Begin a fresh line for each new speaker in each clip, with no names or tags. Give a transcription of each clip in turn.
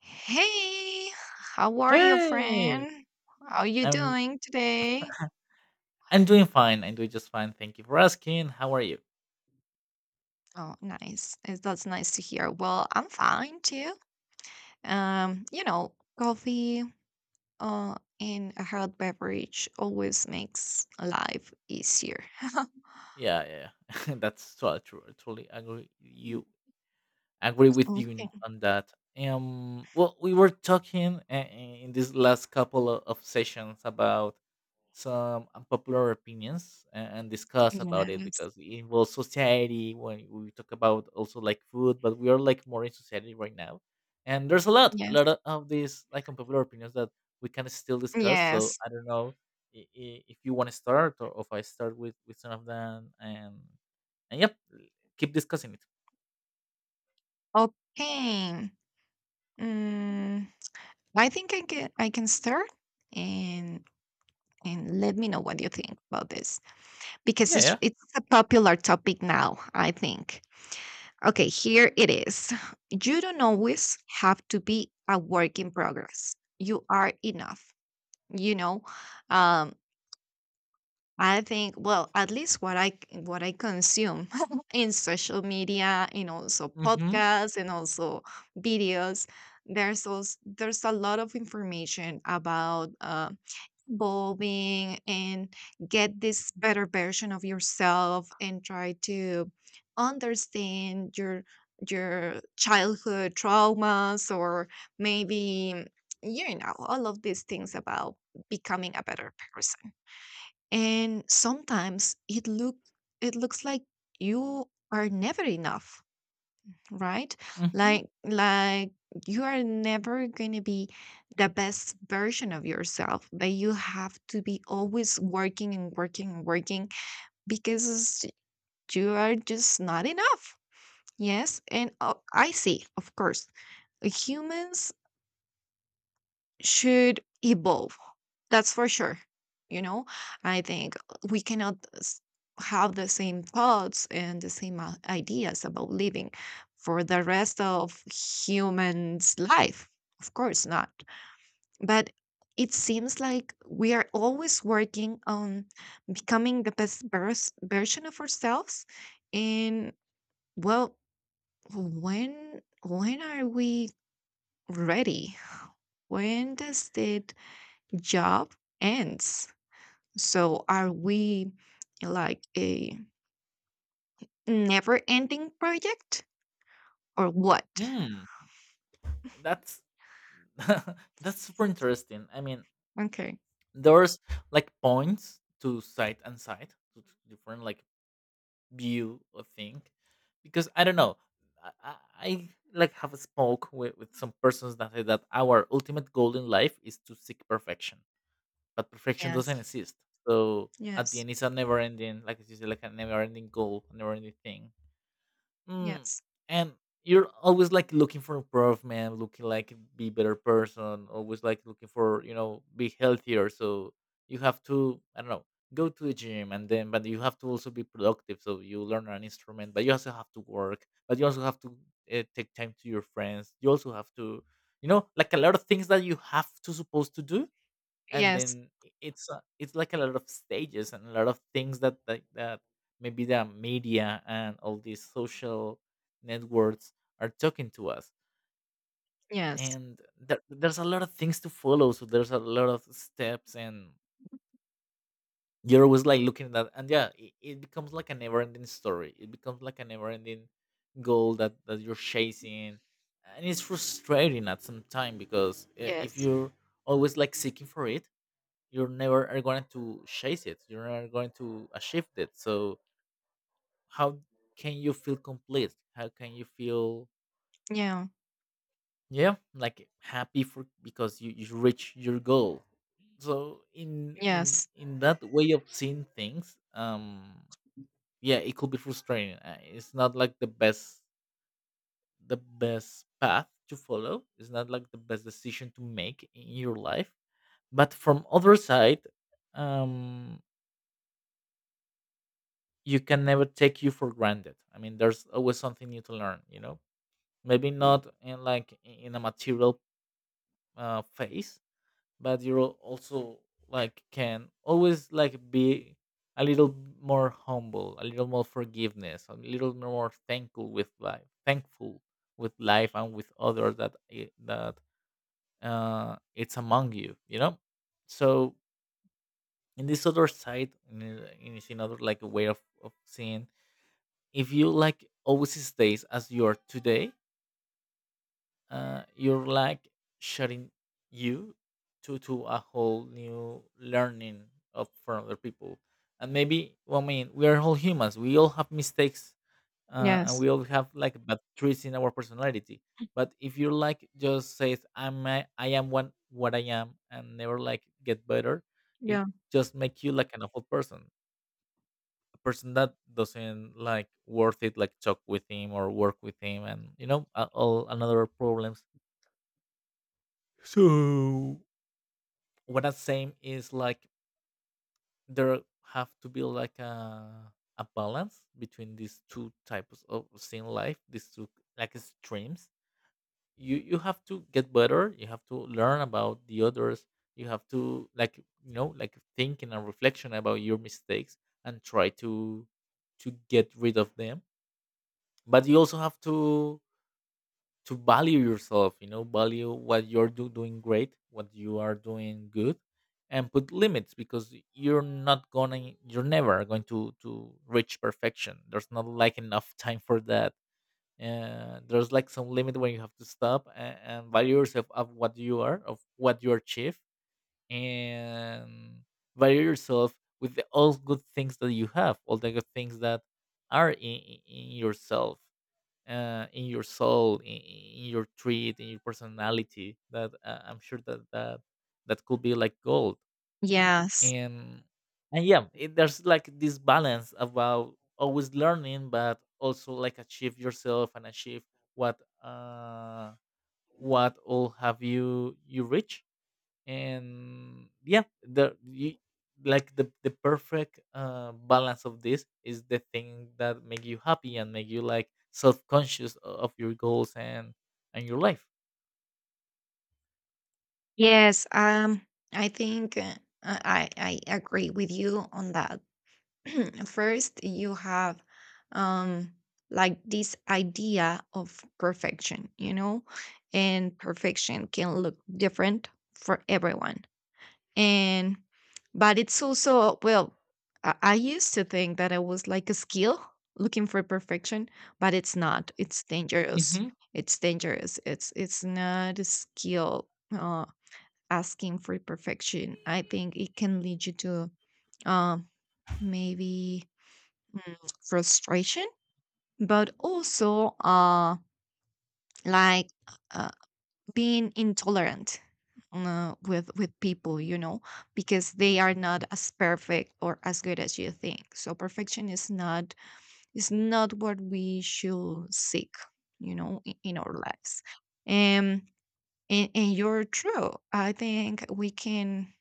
Hey, how are you,
Hey!
friend? How you
I'm
doing today?
I'm doing fine. I'm doing just fine. Thank you for asking. How are you?
Oh, nice. That's nice to hear. Well, I'm fine too. You know, coffee uh and a hot beverage always makes life easier.
Yeah, yeah, yeah. That's so true. I totally agree with you
Okay.
on that. Well, we were talking in this last couple of sessions about some unpopular opinions, and discuss about it
Yes.
because it involves society. When we talk about also like food, but we are like more in society right now, and there's a lot a
Yes.
lot of these like unpopular opinions that we can still discuss, so
Yes.
I don't know, if you want to start, or if I start with some of them and and keep discussing it.
Okay. Mm, I think I can start and and let me know what you think about this. Because
Yeah,
it's
yeah.
it's a popular topic now, I think. Okay, here it is. You don't always have to be a work in progress. You are enough. You know, um, I think, well, at least what I consume in social media, and also
Mm-hmm.
podcasts, and also videos, there's a lot of information about evolving and get this better version of yourself, and try to understand your childhood traumas, or maybe you know all of these things about becoming a better person, and sometimes it looks like you are never enough, right?
Mm-hmm.
Like you are never going to be the best version of yourself, but you have to be always working and working and working because you are just not enough. Yes. And I see, of course humans should evolve. That's for sure. You know, I think we cannot s- have the same thoughts and the same ideas about living for the rest of humans' life. Of course not. But it seems like we are always working on becoming the version of ourselves. And well, when are we ready? When does it job ends. So are we like a never ending project or what?
Mm. That's that's super interesting, I mean.
Okay.
There's like points to side and side to different like view of thing, because I don't know. I, I I like have spoke with some persons that say that our ultimate goal in life is to seek perfection, but perfection
Yes.
doesn't exist. So at the
Yes.
end, it's a never ending, like you say, like a never ending goal, never ending thing. Mm.
Yes.
And you're always like looking for improvement, looking like be better person, always like looking for, be healthier. So you have to, I don't know, go to the gym, and then but you have to also be productive. So you learn an instrument, but you also have to work, but you also have to take time to your friends. You also have to, like a lot of things that you have to supposed to do, and
Yes.
then it's like a lot of stages and a lot of things that maybe the media and all these social networks are talking to us,
Yes.
and there's a lot of things to follow, so there's a lot of steps, and you're always like looking at that. And yeah, it becomes like a never ending story, it becomes like a never ending goal that you're chasing, and it's frustrating at some time because if
Yes.
you're always like seeking for it, you're never are going to chase it, you're never going to achieve it. So how can you feel complete, how can you feel,
Yeah.
yeah, like happy for, because you reach your goal. So in in
Yes.
in that way of seeing things, yeah, it could be frustrating. It's not like the best path to follow. It's not like the best decision to make in your life. But from other side, um you can never take you for granted. I mean, there's always something new to learn, you know? Maybe not in a material phase, but you're also like can always like be a little more humble, a little more forgiveness, a little more thankful with life and with others that it's among you, you know? So in this other side, in this another like way of seeing, if you like always stays as you are today, you're like shutting you to a whole new learning of from other people. And maybe, well, I mean, we are all humans. We all have mistakes, and
Yes.
we all have like bad traits in our personality. But if you're like just says, "I'm I am one what I am," and never like get better, it
Yeah.
just make you like an awful person, a person that doesn't like worth it like talk with him or work with him, and you know all another problems. So what I'm saying is, like, there have to be like a balance between these two types of scene life, these two like streams. You have to get better, you have to learn about the others, you have to like, like, thinking and reflection about your mistakes, and try to get rid of them. But you also have to value yourself, you know, value what you're doing great, what you are doing good, and put limits, because you're not gonna you're never going to reach perfection. There's not like enough time for that, and there's like some limit when you have to stop, and value yourself of what you are, of what you achieve, and value yourself with all good things that you have, all the good things that are in yourself, in your soul, in your treat, in your personality. That, I'm sure that that could be like gold.
Yes.
And and yeah, there's like this balance about always learning, but also like achieve yourself and achieve what uh what all have you reached. And yeah, like the perfect balance of this is the thing that make you happy and make you like self-conscious of your goals and your life.
Yes. I think I agree with you on that. First, you have um, like this idea of perfection, you know, and perfection can look different for everyone. And, but it's also, well, I used to think that it was like a skill looking for perfection, but it's not. It's dangerous.
Hmm.
It's dangerous. It's not a skill asking for perfection. I think it can lead you to um, maybe mm, frustration, but also like uh, being intolerant with people, you know, because they are not as perfect or as good as you think. So perfection is not, is not what we should seek, you know, in our lives. Um, and you're true. I think we can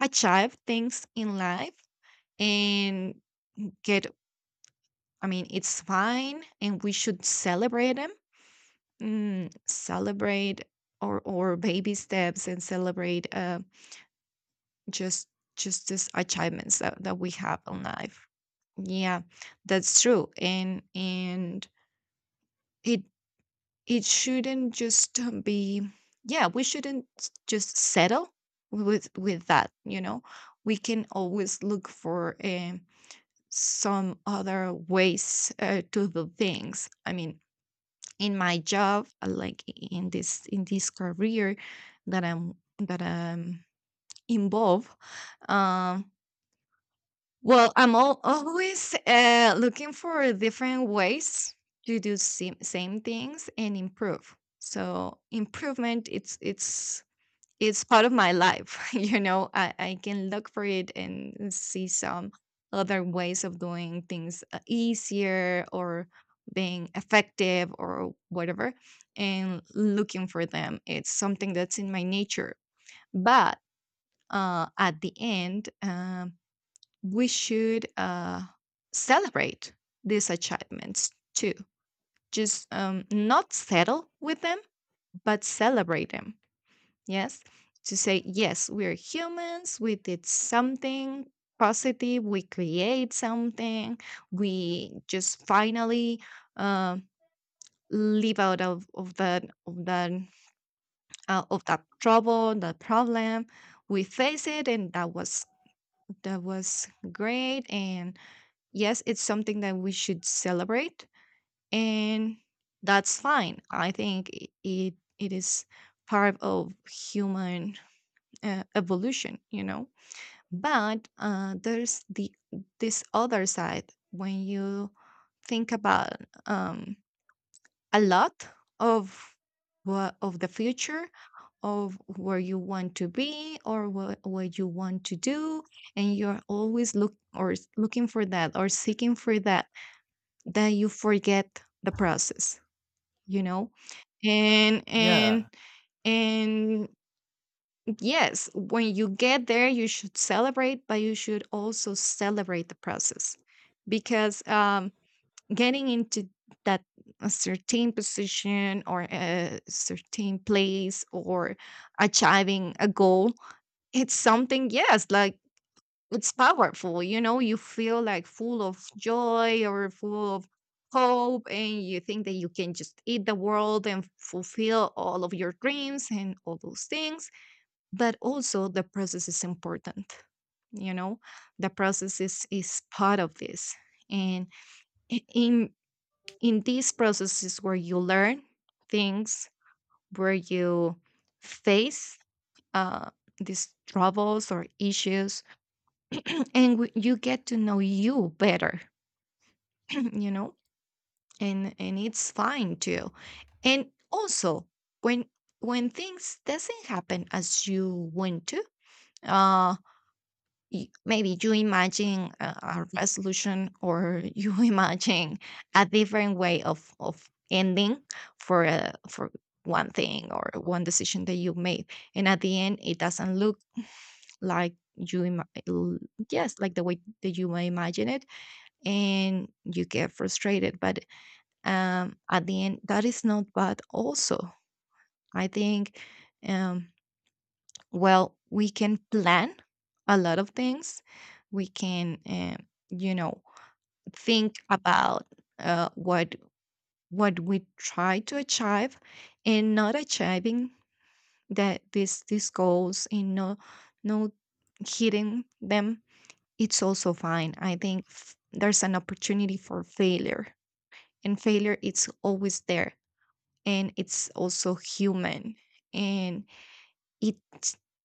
achieve things in life and get. I mean, it's fine, and we should celebrate them, celebrate or baby steps, and celebrate just just these achievements that, that we have in life. Yeah, that's true. And it it shouldn't just be, yeah, we shouldn't s- just settle with that, you know. We can always look for some other ways to do things. I mean, in my job, like in this, career that I'm involved. um well, always looking for different ways to do same things and improve. So improvement, it's it's part of my life. You know, I can look for it and see some other ways of doing things, easier or being effective or whatever, and looking for them, it's something that's in my nature. But at the end, we should celebrate these achievements too, just not settle with them but celebrate them. Yes. To say, yes, we're humans, we did something positive, we create something, we just finally uh, live out of that, of that trouble, that problem. We face it, and that was great. And yes, it's something that we should celebrate, and that's fine. I think it is part of human evolution, you know. But there's the, this other side when you think about um, a lot of, what of the future, of where you want to be or what you want to do, and you're always looking for that or seeking for that, that you forget the process, you know. and
Yeah,
and and yes, when you get there, you should celebrate, but you should also celebrate the process, because getting into that, a certain position or a certain place or achieving a goal, it's something, yes, like it's powerful. You know, you feel like full of joy or full of hope, and you think that you can just eat the world and fulfill all of your dreams and all those things. But also the process is important, you know. The process is part of this. And i- in in these processes where you learn things, where you face uh, these troubles or issues, and you get to know you better. You know. And it's fine too. And also when things doesn't happen as you want to, uh, maybe you imagine a resolution, or you imagine a different way of ending for for one thing or one decision that you made, and at the end it doesn't look like yes, like the way that you may imagine it, and you get frustrated. But at the end that is not bad also, I think. um well, we can plan a lot of things. We can, you know, think about what, we try to achieve, and not achieving that these goals, and no hitting them. It's also fine. I think there's an opportunity for failure, and failure, it's always there. And it's also human, and it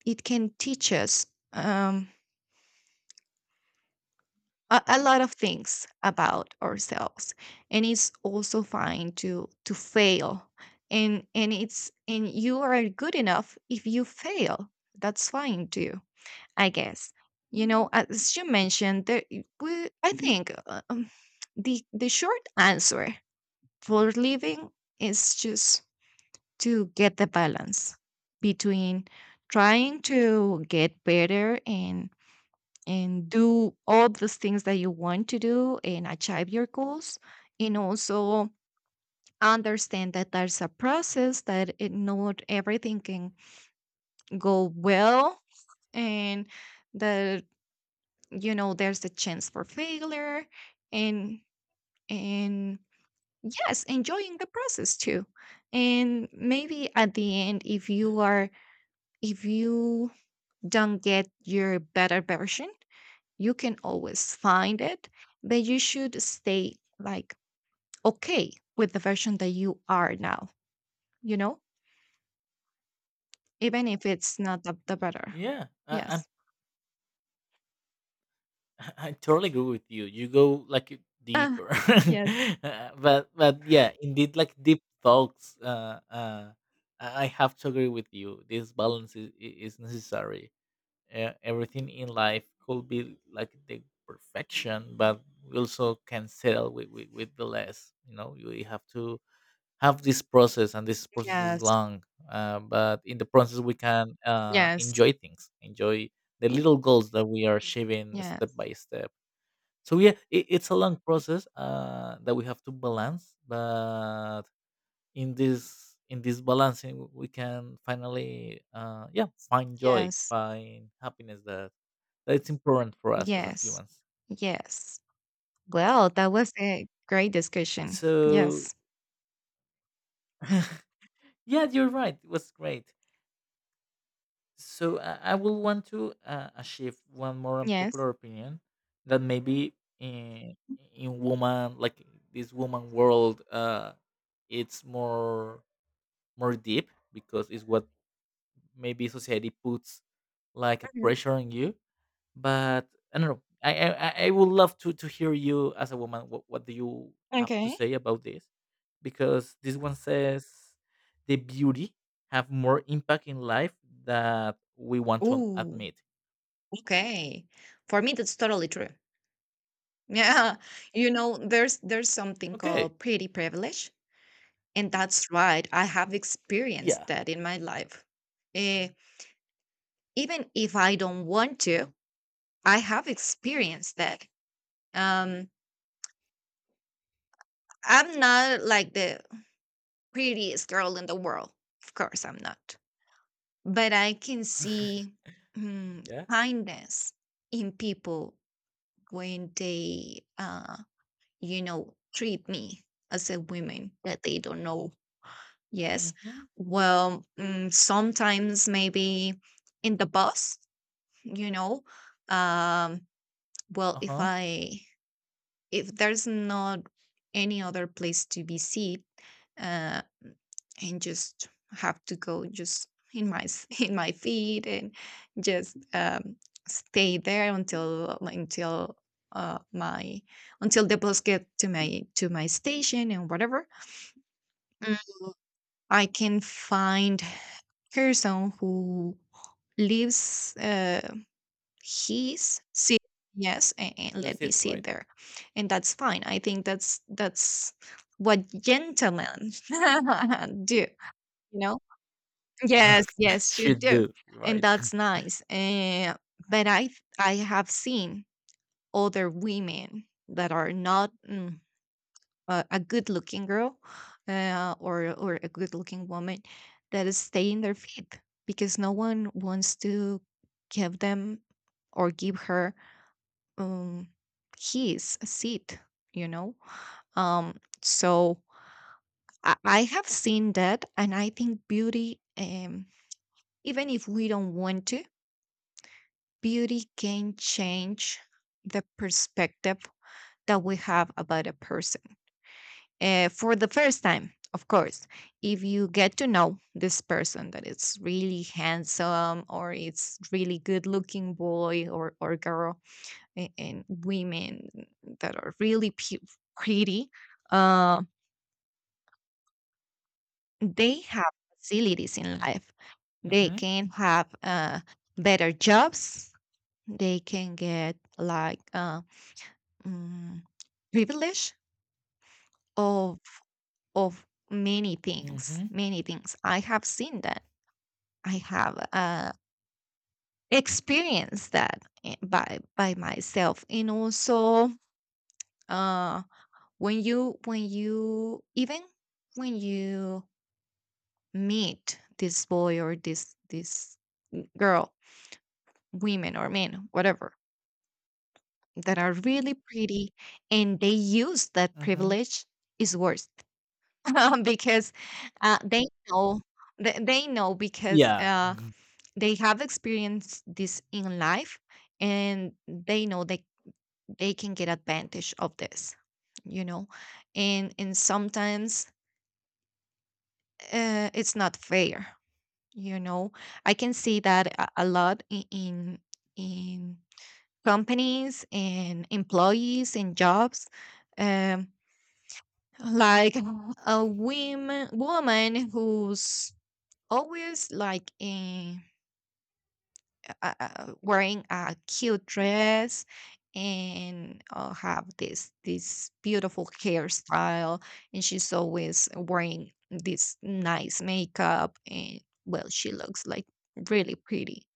it can teach us. Um, a lot of things about ourselves. And it's also fine to fail. And you are good enough if you fail. That's fine too, I guess. You know, as you mentioned there, I think the short answer for living is just to get the balance between trying to get better and do all those things that you want to do and achieve your goals, and also understand that there's a process, that not everything can go well, and that, you know, there's a chance for failure. And and yes, enjoying the process too. And maybe at the end, if you are, if you don't get your better version, you can always find it, but you should stay like okay with the version that you are now, you know, even if it's not the better.
yeah. I
Yes.
I totally agree with you. You go like
Ah,
deeper.
yes.
But yeah, indeed, like, deep thoughts. I have to agree with you, this balance is necessary. Everything in life could be like the perfection, but we also can settle with the less. You have to have this process, and this process is
Yes.
long. But in the process we can
Yes.
enjoy things, enjoy the little goals that we are achieving step
Yes.
by step. So yeah, it's a long process, that we have to balance. But in this balancing we can finally, yeah, find joy,
Yes.
find happiness, that that's important for us as a
Yes.
humans.
Yes. Well, that was a great discussion.
So
Yes.
yeah, you're right. It was great. So I will want to achieve one more
Yes.
unpopular opinion that maybe in, in woman, like this woman world, it's more deep, because it's what maybe society puts like a
Mhm.
pressure on you. But I don't know. I would love to hear you as a woman. What do you have to
Okay.
say about this? Because this one says, the beauty have more impact in life that we want to
Ooh,
admit.
okay. For me, that's totally true. Yeah, you know, there's something
Okay.
called pretty privilege. And that's right. I have experienced
Yeah.
that in my life. Eh, even if I don't want to, I have experienced that. Um, I'm not like the prettiest girl in the world. Of course, I'm not. But I can see
Yeah.
kindness in people when they, you know, treat me as a woman that they don't know. Yes.
Mm-hmm.
Well, sometimes maybe in the bus, you know. um well,
Uh huh.
if there's not any other place to be seen, uh and just have to go just in my feet and just stay there until my, until the bus get to my station and whatever. Mm. I can find person who lives. He's sit. Yes, and
There's
let me
it,
sit
right?
there. And that's fine. I think that's what gentlemen do, you know. Yes, yes, should
Should
do.
do,
And
right?
that's nice, but I have seen other women that are not, a good looking girl, or a good looking woman, that is stay in their feet because no one wants to give them or give her um keys a seat, you know. So I have seen that. And I think beauty, even if we don't want to, beauty can change the perspective that we have about a person, for the first time, of course. If you get to know this person, that it's really handsome, or it's really good looking boy, or girl. And women that are really pretty, uh, they have facilities in life. They
Mm-hmm.
can have better jobs. They can get like mm, privilege of many things,
Mm-hmm.
many things. I have seen that. I have experienced that by myself, and also uh, when you even when you meet this boy or this girl, women or men, whatever, that are really pretty and they use that
Mm-hmm.
privilege is worse because they know, they know because
Yeah.
they have experienced this in life and they know they can get advantage of this, you know and sometimes it's not fair. you know I can see that a lot in companies and employees and jobs. um like a women woman who's always like in, wearing a cute dress and have this beautiful hairstyle and she's always wearing this nice makeup, and well, she looks like really pretty,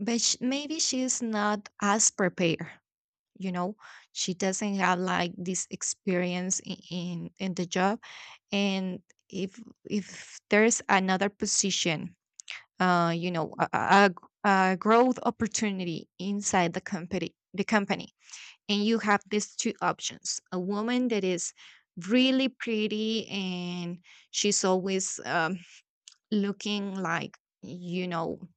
but maybe she's not as prepared, you know, she doesn't have like this experience in, in the job. And if if there's another position, you know, a a growth opportunity inside the company, and you have these two options: a woman that is really pretty and she's always looking like, you know,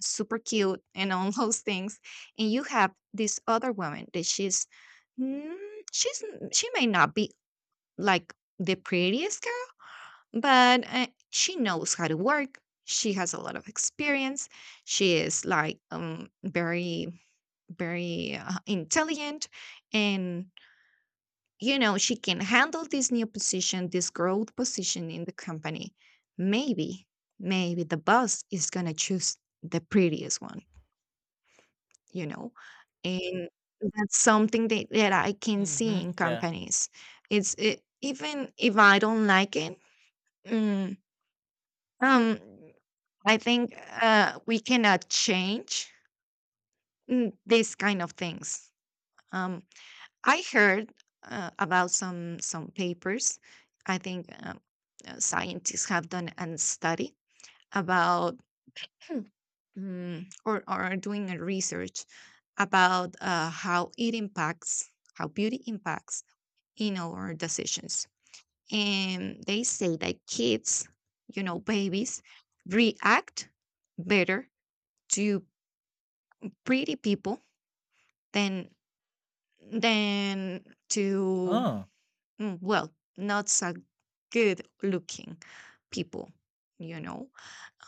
super cute and all those things, and you have this other woman that she's mm, she's n- she may not be like the prettiest girl, but she knows how to work, she has a lot of experience, she is like very very intelligent, and you know she can handle this new position, this growth position in the company. maybe Maybe the boss is going to choose the prettiest one, you know, and that's something that I can see
Mm-hmm.
in
Yeah.
companies. It's even if I don't like it, mm, um I think we cannot change, these kind of things. um I heard about some papers. I think, scientists have done a study about, or are doing a research about how it impacts, how beauty impacts in our decisions. And they say that kids, you know, babies react better to pretty people than to,
Oh.
well, not so good looking people, you know.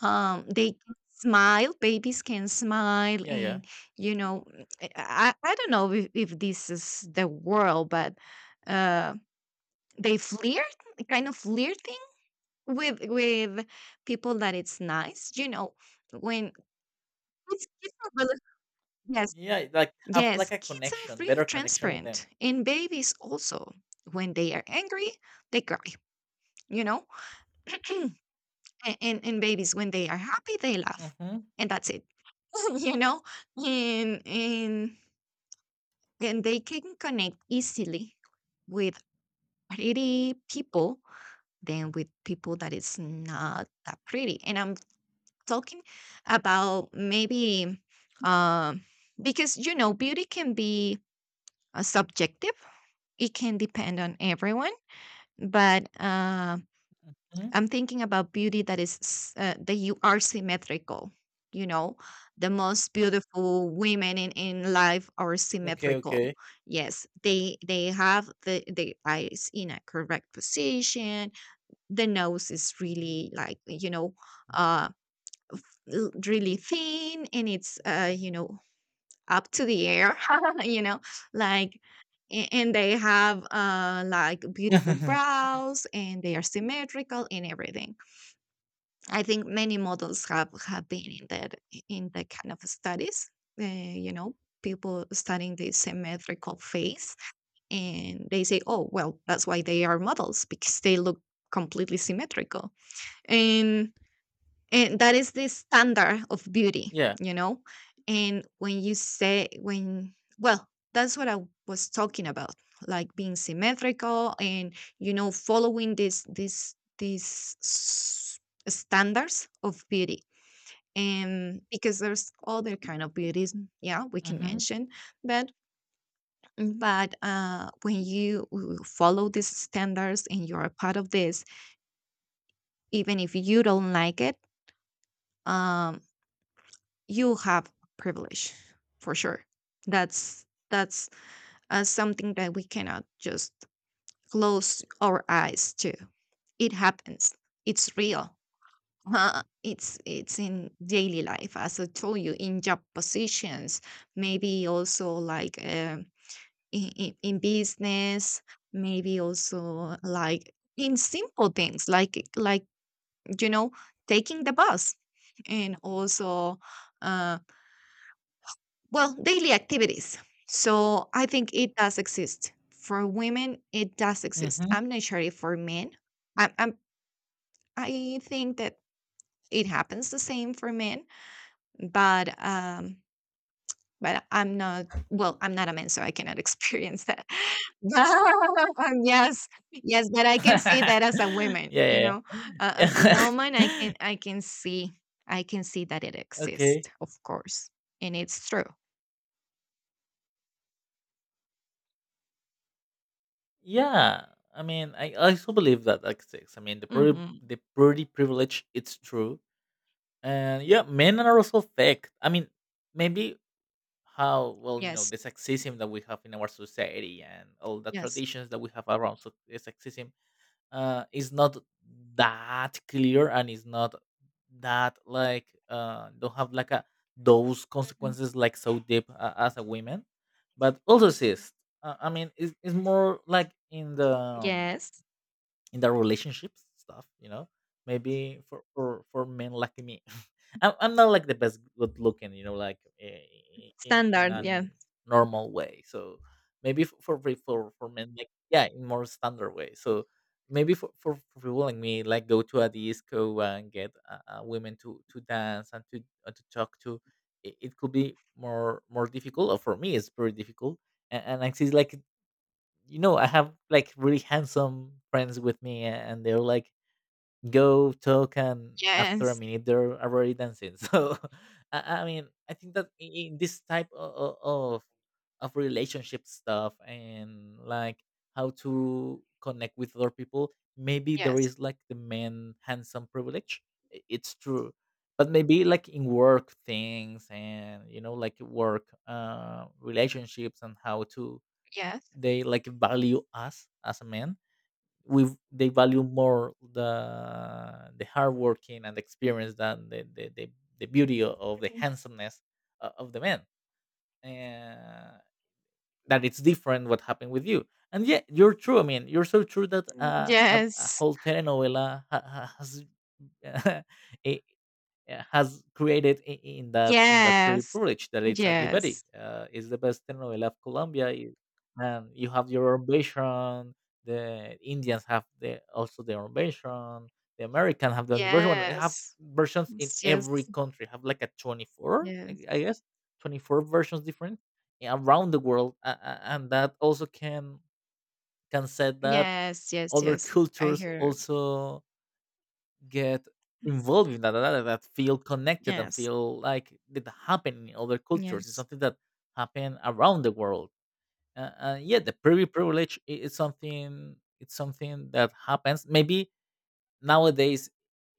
They can smile, babies can smile,
Yeah. Yeah.
and you know I don't know if this is the world, but uh they flirt, kind of flirting. With people that it's nice, you know, when kids are really. Yes.
Yeah. Like have
Yes,
like a
kids are
connection,
really
better connection with
transparent,
them.
and babies also. When they are angry, they cry, you know? And and babies when they are happy, they laugh.
Mm-hmm.
And that's it. You know? And and they can connect easily with pretty people than with people that is not that pretty. And I'm talking about maybe, um because you know beauty can be subjective, it can depend on everyone, but
Mm-hmm.
I'm thinking about beauty that is that you are symmetrical, you know. The most beautiful women in life are
Okay,
symmetrical.
okay.
Yes, they have the eyes in a correct position, the nose is really like, you know, uh, really thin, and it's you know, up to the air. You know, like and they have like beautiful brows and they are symmetrical and everything. I think many models have been in that, in that kind of studies, you know, people studying the symmetrical face, and they say, oh well, that's why they are models, because they look completely symmetrical, and and that is the standard of beauty,
Yeah.
you know. And when you say, when, well, that's what I was talking about, like being symmetrical and, you know, following this standards of beauty. And because there's other kind of beauties, yeah, we can
Mhm.
mention, but when you follow these standards and you're a part of this, even if you don't like it, um you have privilege, for sure. That's something that we cannot just close our eyes to. It happens. It's real. It's in daily life, as I told you, in job positions, maybe also like, in business, maybe also like in simple things, like you know, taking the bus, and also, uh, well, daily activities. So I think it does exist. For women, it does exist.
Mhm.
I'm not sure if for men. I'm, I think that it happens the same for men, but I'm not, well, I'm not a man, so I cannot experience that. But yes, yes, but I can see that as a woman, you
Yeah, yeah,
know, as a woman, I
yeah.
can, I can see. I can see that it
Okay.
exists, of course, and it's true.
Yeah. I mean, I also believe that exists. I mean, the pretty
Hmm.
the pretty privilege, it's true. And yeah, men are also fake. I mean, maybe, how, well, you know
Yes,
the sexism that we have in our society, and all the
yes.
traditions that we have around, the sexism, is not that clear, and is not that like, don't have like a those consequences like so deep, as a women, but also cis. I mean, it's more like in the,
Yes.
in their relationships stuff, you know? Maybe for for men like me, I'm not like the best good looking, you know, like in
Standard, yeah.
a normal way. So maybe for men, like, yeah, in more standard way. So maybe for people like me, like, go to a disco and get women to dance, and to talk to, it could be more difficult, or for me it's very difficult. And I see like, you know, I have like really handsome friends with me, and they're like, go talk, and after a
Yes,
minute they're already dancing. So I mean, I think that in this type of relationship stuff, and like how to connect with other people, maybe there
yes,
is like the man handsome privilege. It's true. But maybe like in work things, and you know, like work relationships, and how to,
yes,
they like value us as a man, we they value more the hard working and experience than the the beauty of the
mhm,
handsomeness of the man. Uh, that it's different what happened with you. And yeah, you're true. I mean, you're so true that
mm,
a
yes,
whole telenovela has it has created, in that pretty
yes,
privilege, that it's Ugly Betty.
yes,
It's the best telenovela of Colombia, and you have your own version. The Indians have also their own version. The American have their own version. Well, they have
yes,
versions in every
yes,
country. Have like a 24, I guess, 24 versions different around the world and that also can set that
yes, yes,
other
yes, yes. I
cultures
hear.
also get involved in that, that feel connected and
Yes,
feel like it happened in other cultures. It's
yes,
something that happen around the world. Yeah, the privy privilege is something, it's something that happens maybe nowadays.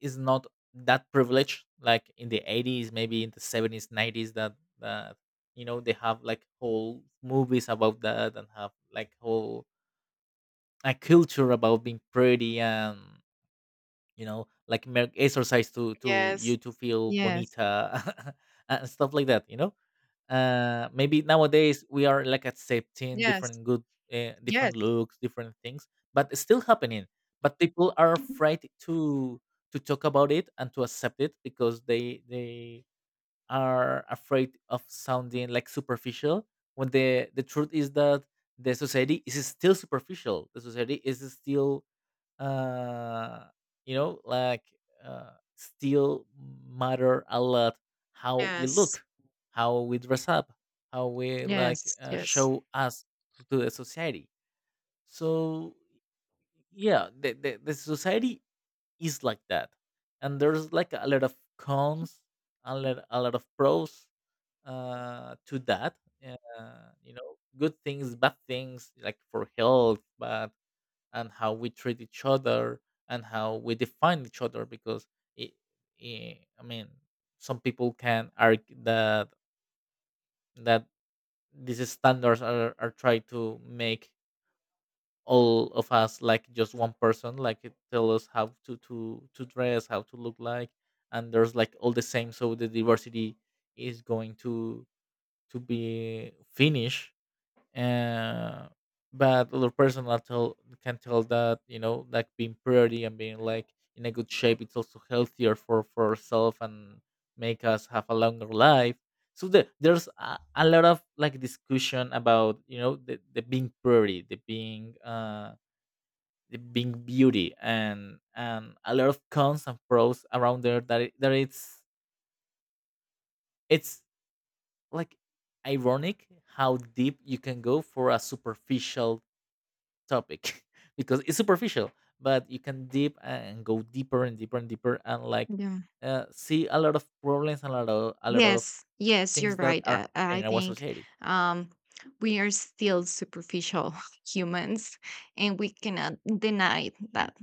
Is not that privileged like in the 80s, maybe in the 70s, 90s, that you know they have like whole movies about that, and have like whole a culture about being pretty, and you know like exercise to you
yes,
to feel
yes,
bonita and stuff like that, you know. Maybe nowadays we are like accepting
yes,
different good,
yes,
different looks, different things, but it's still happening. But people are afraid to talk about it and to accept it, because they are afraid of sounding like superficial, when the truth is that the society is still superficial. The society is still, uh you know like, still matter a lot how we
yes,
look, how we dress up, how we like
yes, yes.
show us to the society. So yeah, the society is like that, and there's like a lot of cons, a lot of pros to that. You know, good things, bad things, like for health, but, and how we treat each other, and how we define each other, because it, I mean, some people can argue that that these standards are trying to make all of us like just one person, like it tell us how to to dress, how to look like, and there's like all the same, so the diversity is going to be finished. uh, but other person will tell, can tell that you know like being pretty and being like in a good shape, it's also healthier for ourselves and make us have a longer life. So there's a lot of like discussion about you know the being pretty, the being beauty, and a lot of cons and pros around there, that it, that it's like ironic how deep you can go for a superficial topic because it's superficial, but you can deep and go deeper and deeper and deeper, and like,
Yeah.
see a lot of problems and a lot of
Yes, yes, you're
things that
right.
are happening
I
in our
think,
society.
um, we are still superficial humans, and we cannot deny that.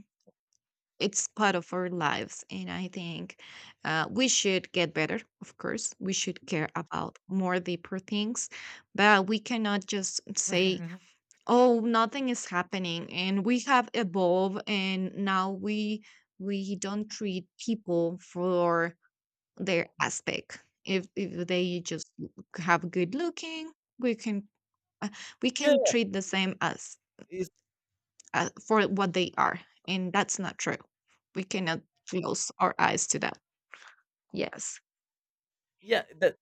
It's part of our lives. And I think we should get better, of course. We should care about more deeper things, but we cannot just say, oh, nothing is happening, and we have evolved, and now we don't treat people for their aspect. If they just have good looking, we can, uh, we can
Yeah,
treat the same as
it's,
for what they are, and that's not true. We cannot close our eyes to that. Yes,
yeah, that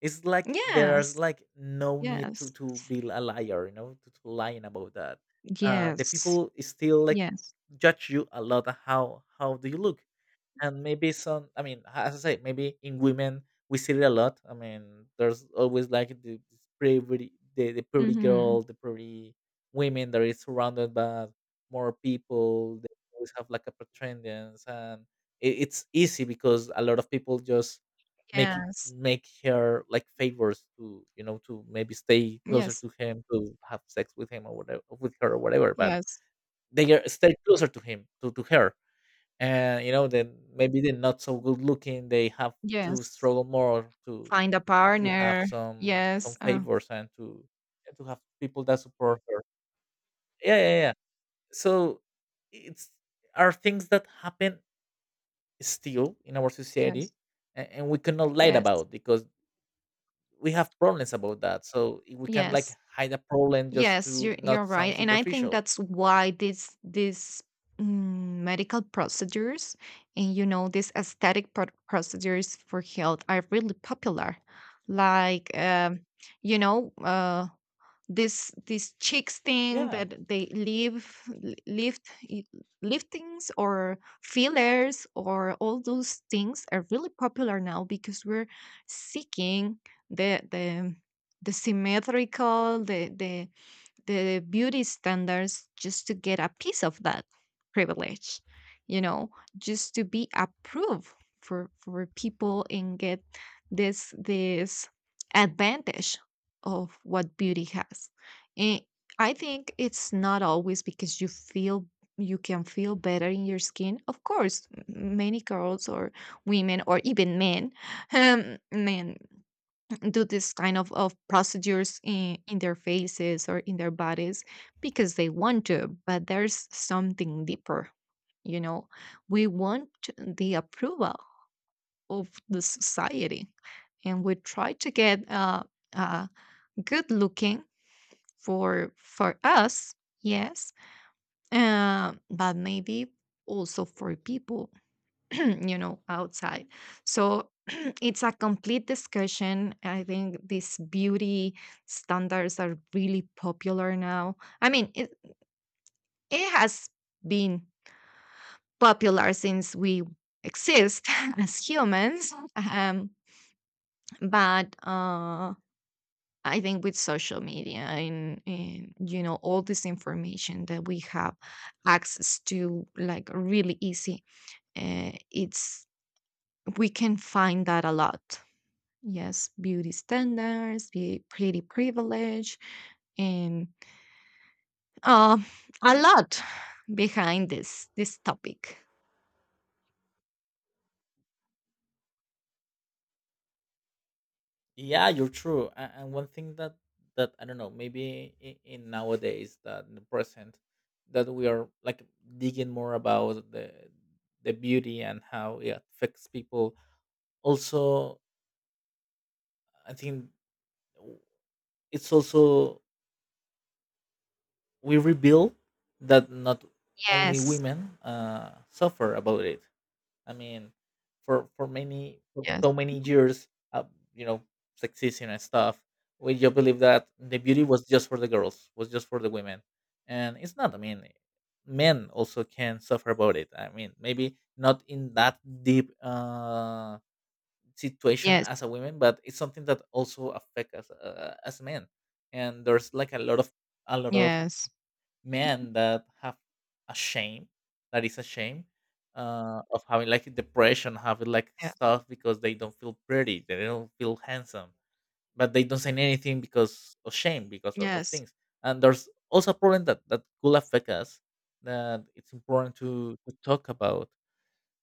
it's like there's
yes,
like no need
yes,
to be a liar, you know, to lying about that. The
yes,
people is still like
yes,
judge you a lot on how do you look. And maybe some, I mean, as I say, maybe in women we see it a lot. I mean, there's always like the this pretty, the pretty
hmm,
girl, the pretty women, that is surrounded by more people. They always have like a pretendance, and it, it's easy because a lot of people just
yes,
make her like favors, to you know, to maybe stay closer
yes,
to him, to have sex with him or whatever, with her or whatever. But
yes,
they are stay closer to him, to her, and you know that maybe they're not so good looking, they have to
yes.
struggle more
Find a
to have
partner.
some
Yes,
favors, and to have people that support her. Yeah, yeah, yeah. So it's, are things that happen still in our society,
yes,
and we cannot light
yes,
about, because we have problems about that. So we can like
yes.
hide a problem just
Yes,
to
you're
not sound
right, and I think
superficial.
that's why these, medical procedures, and you know, these aesthetic procedures for health are really popular. Like, you know, this this cheeks thing
Yeah.
that they leave lift, i- liftings or fillers or all those things are really popular now, because we're seeking the symmetrical, the beauty standards, just to get a piece of that privilege, you know, just to be approved for people, and get this this advantage of what beauty has. And I think it's not always because you feel, you can feel better in your skin, of course. Many girls or women, or even men, men do this kind of procedures in their faces or in their bodies because they want to, but there's something deeper. You know, we want the approval of the society, and we try to get uh, good looking for us, yes, but maybe also for people you know outside. So it's a complete discussion. I think these beauty standards are really popular now. I mean, it has been popular since we exist as humans, but I think with social media, and you know, all this information that we have access to like really easy, it's, we can find that a lot. Yes, beauty standards, be pretty privilege, and uh, a lot behind this this topic.
Yeah, you're true. And one thing that that I don't know, maybe in nowadays, that in the present that we are like digging more about the beauty and how it affects people. Also, I think w- it's also we reveal that not only
Yes,
women suffer about it. I mean, for
yes,
so many years, uh, you know, sexism and stuff, we just believe that the beauty was just for the girls, was just for the women, and it's not. I mean, men also can suffer about it. I mean, maybe not in that deep situation
yes,
as a woman, but it's something that also affects us as men. And there's like a lot of
yes,
men that have a shame, that is a shame of having like depression, having like
yes,
stuff because they don't feel pretty, they don't feel handsome, but they don't say anything because of shame, because of
yes,
things. And there's also a problem that that could affect us, that it's important to talk about.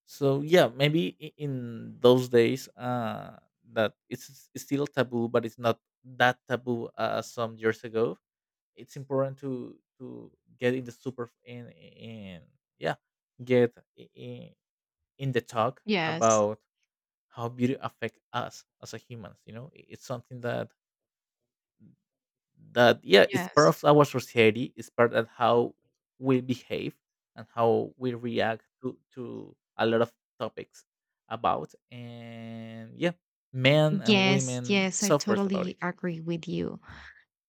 So yeah, maybe in those days that it's, it's still taboo, but it's not that taboo as some years ago. It's important to get in the super in, yeah, get in the talk
yes,
about how beauty affect us as a humans, you know. It's something that that yeah, it's part
yes,
of our society, it's part of how we behave, and how we react to a lot of topics about. And yeah, men and
yes,
women
yes. I
suffers about it.
totally agree with you.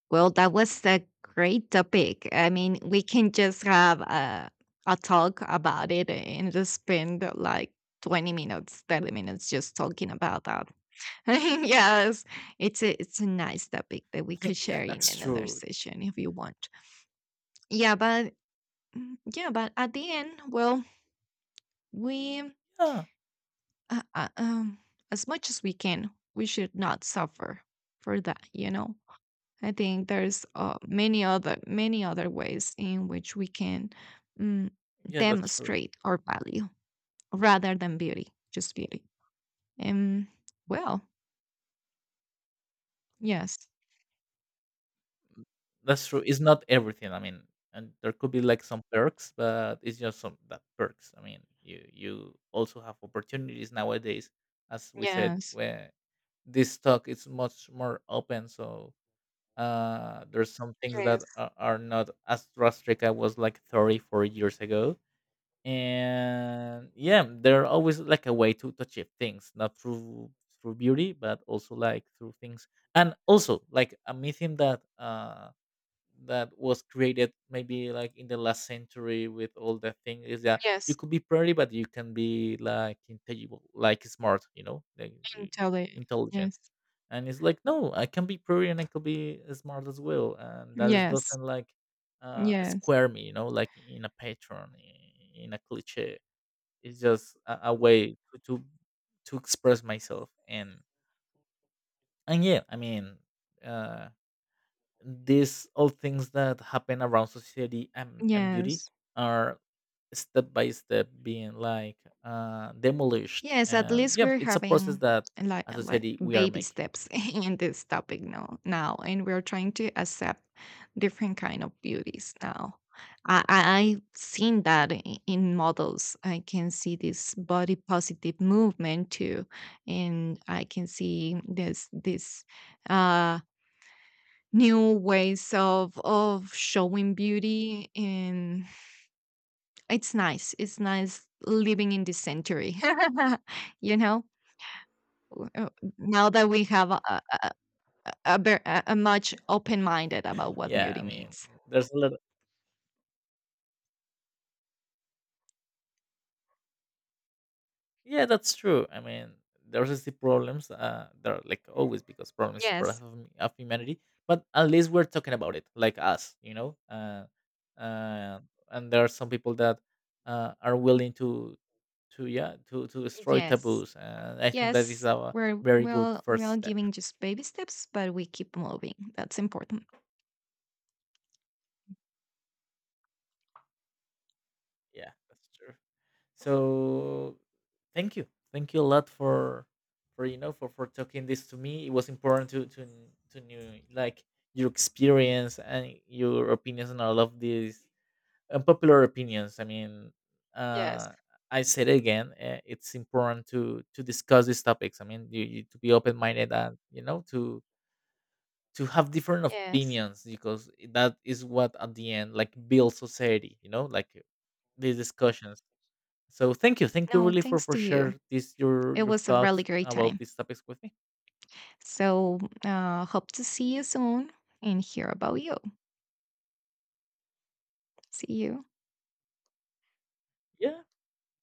Well, that was a great topic. I mean, we can just have a talk about it and just spend like 20 minutes, 30 minutes just talking about that. Yes, it's a, it's a nice topic that we could
Yeah,
share in
that's
another
true.
session if you want. Yeah, but yeah, but at the end, well, we,
Yeah.
uh, uh, um, as much as we can, we should not suffer for that. You know, I think there's many other, many other ways in which we can, mm,
Yeah, that's true.
demonstrate our value rather than beauty, just beauty. Um, well, yes,
That's true. It's not everything. I mean, and there could be like some perks, but it's just some that perks. I mean, you also have opportunities nowadays, as we said,
yes,
where this talk is much more open. So there's some things
yes,
that are not as drastic. I was like 34 years ago, and yeah, there are always like a way to achieve things, not through through beauty, but also like through things, and also like a mythium that that was created maybe like in the last century, with all the thing is that you
yes.
could be pretty but you can be like intelligible like smart, you know, like
Can tell it.
intelligent.
Yes.
And it's like, no, I can be pretty and I could be smart as well, and that is-
Yes.
doesn't like
Yes.
square me, you know, like in a pattern, in a cliche. It's just a way to express myself. And yeah, I mean, uh these all things that happen around society and beauty
Yes.
are step by step being like demolished.
Yes. At
And
least
yeah,
we're
it's a process
having
that
like
as a
like
society we are
baby
making.
steps in this topic now, now, and we're trying to accept different kind of beauties now. I, I've seen that in models. I can see this body positive movement too, and I can see this this, uh new ways of showing beauty. And it's nice. It's nice living in this century. You know, W- uh, now that we have a much open minded about what
Yeah,
beauty
I mean,
means.
there's a lot. Yeah, that's true. I mean, there are still problems. There are like always, because problems is part of,
Yes,
of humanity. But at least we're talking about it, like us, you know. Uh, and there are some people that are willing to, yeah, to destroy
yes,
taboos. And I think that is
yes.
a
We're,
very good
well, we're
first
all
step.
giving just baby steps, but we keep moving. That's important.
Yeah, that's true. So thank you, thank you a lot for you know, for talking this to me. It was important to know like your experience and your opinions on all of these unpopular opinions. I mean,
Yes,
uh I said it again, it's important to discuss these topics. I mean, you to be open-minded, and you know to have different
yes.
opinions, because that is what at the end like builds society, you know, like these discussions. So thank you
No,
really
thanks
for
to
share
you.
this
It
your
was a really
thoughts
great
about
time.
these topics with me.
So, hope to see you soon and hear about you. See you.
Yeah,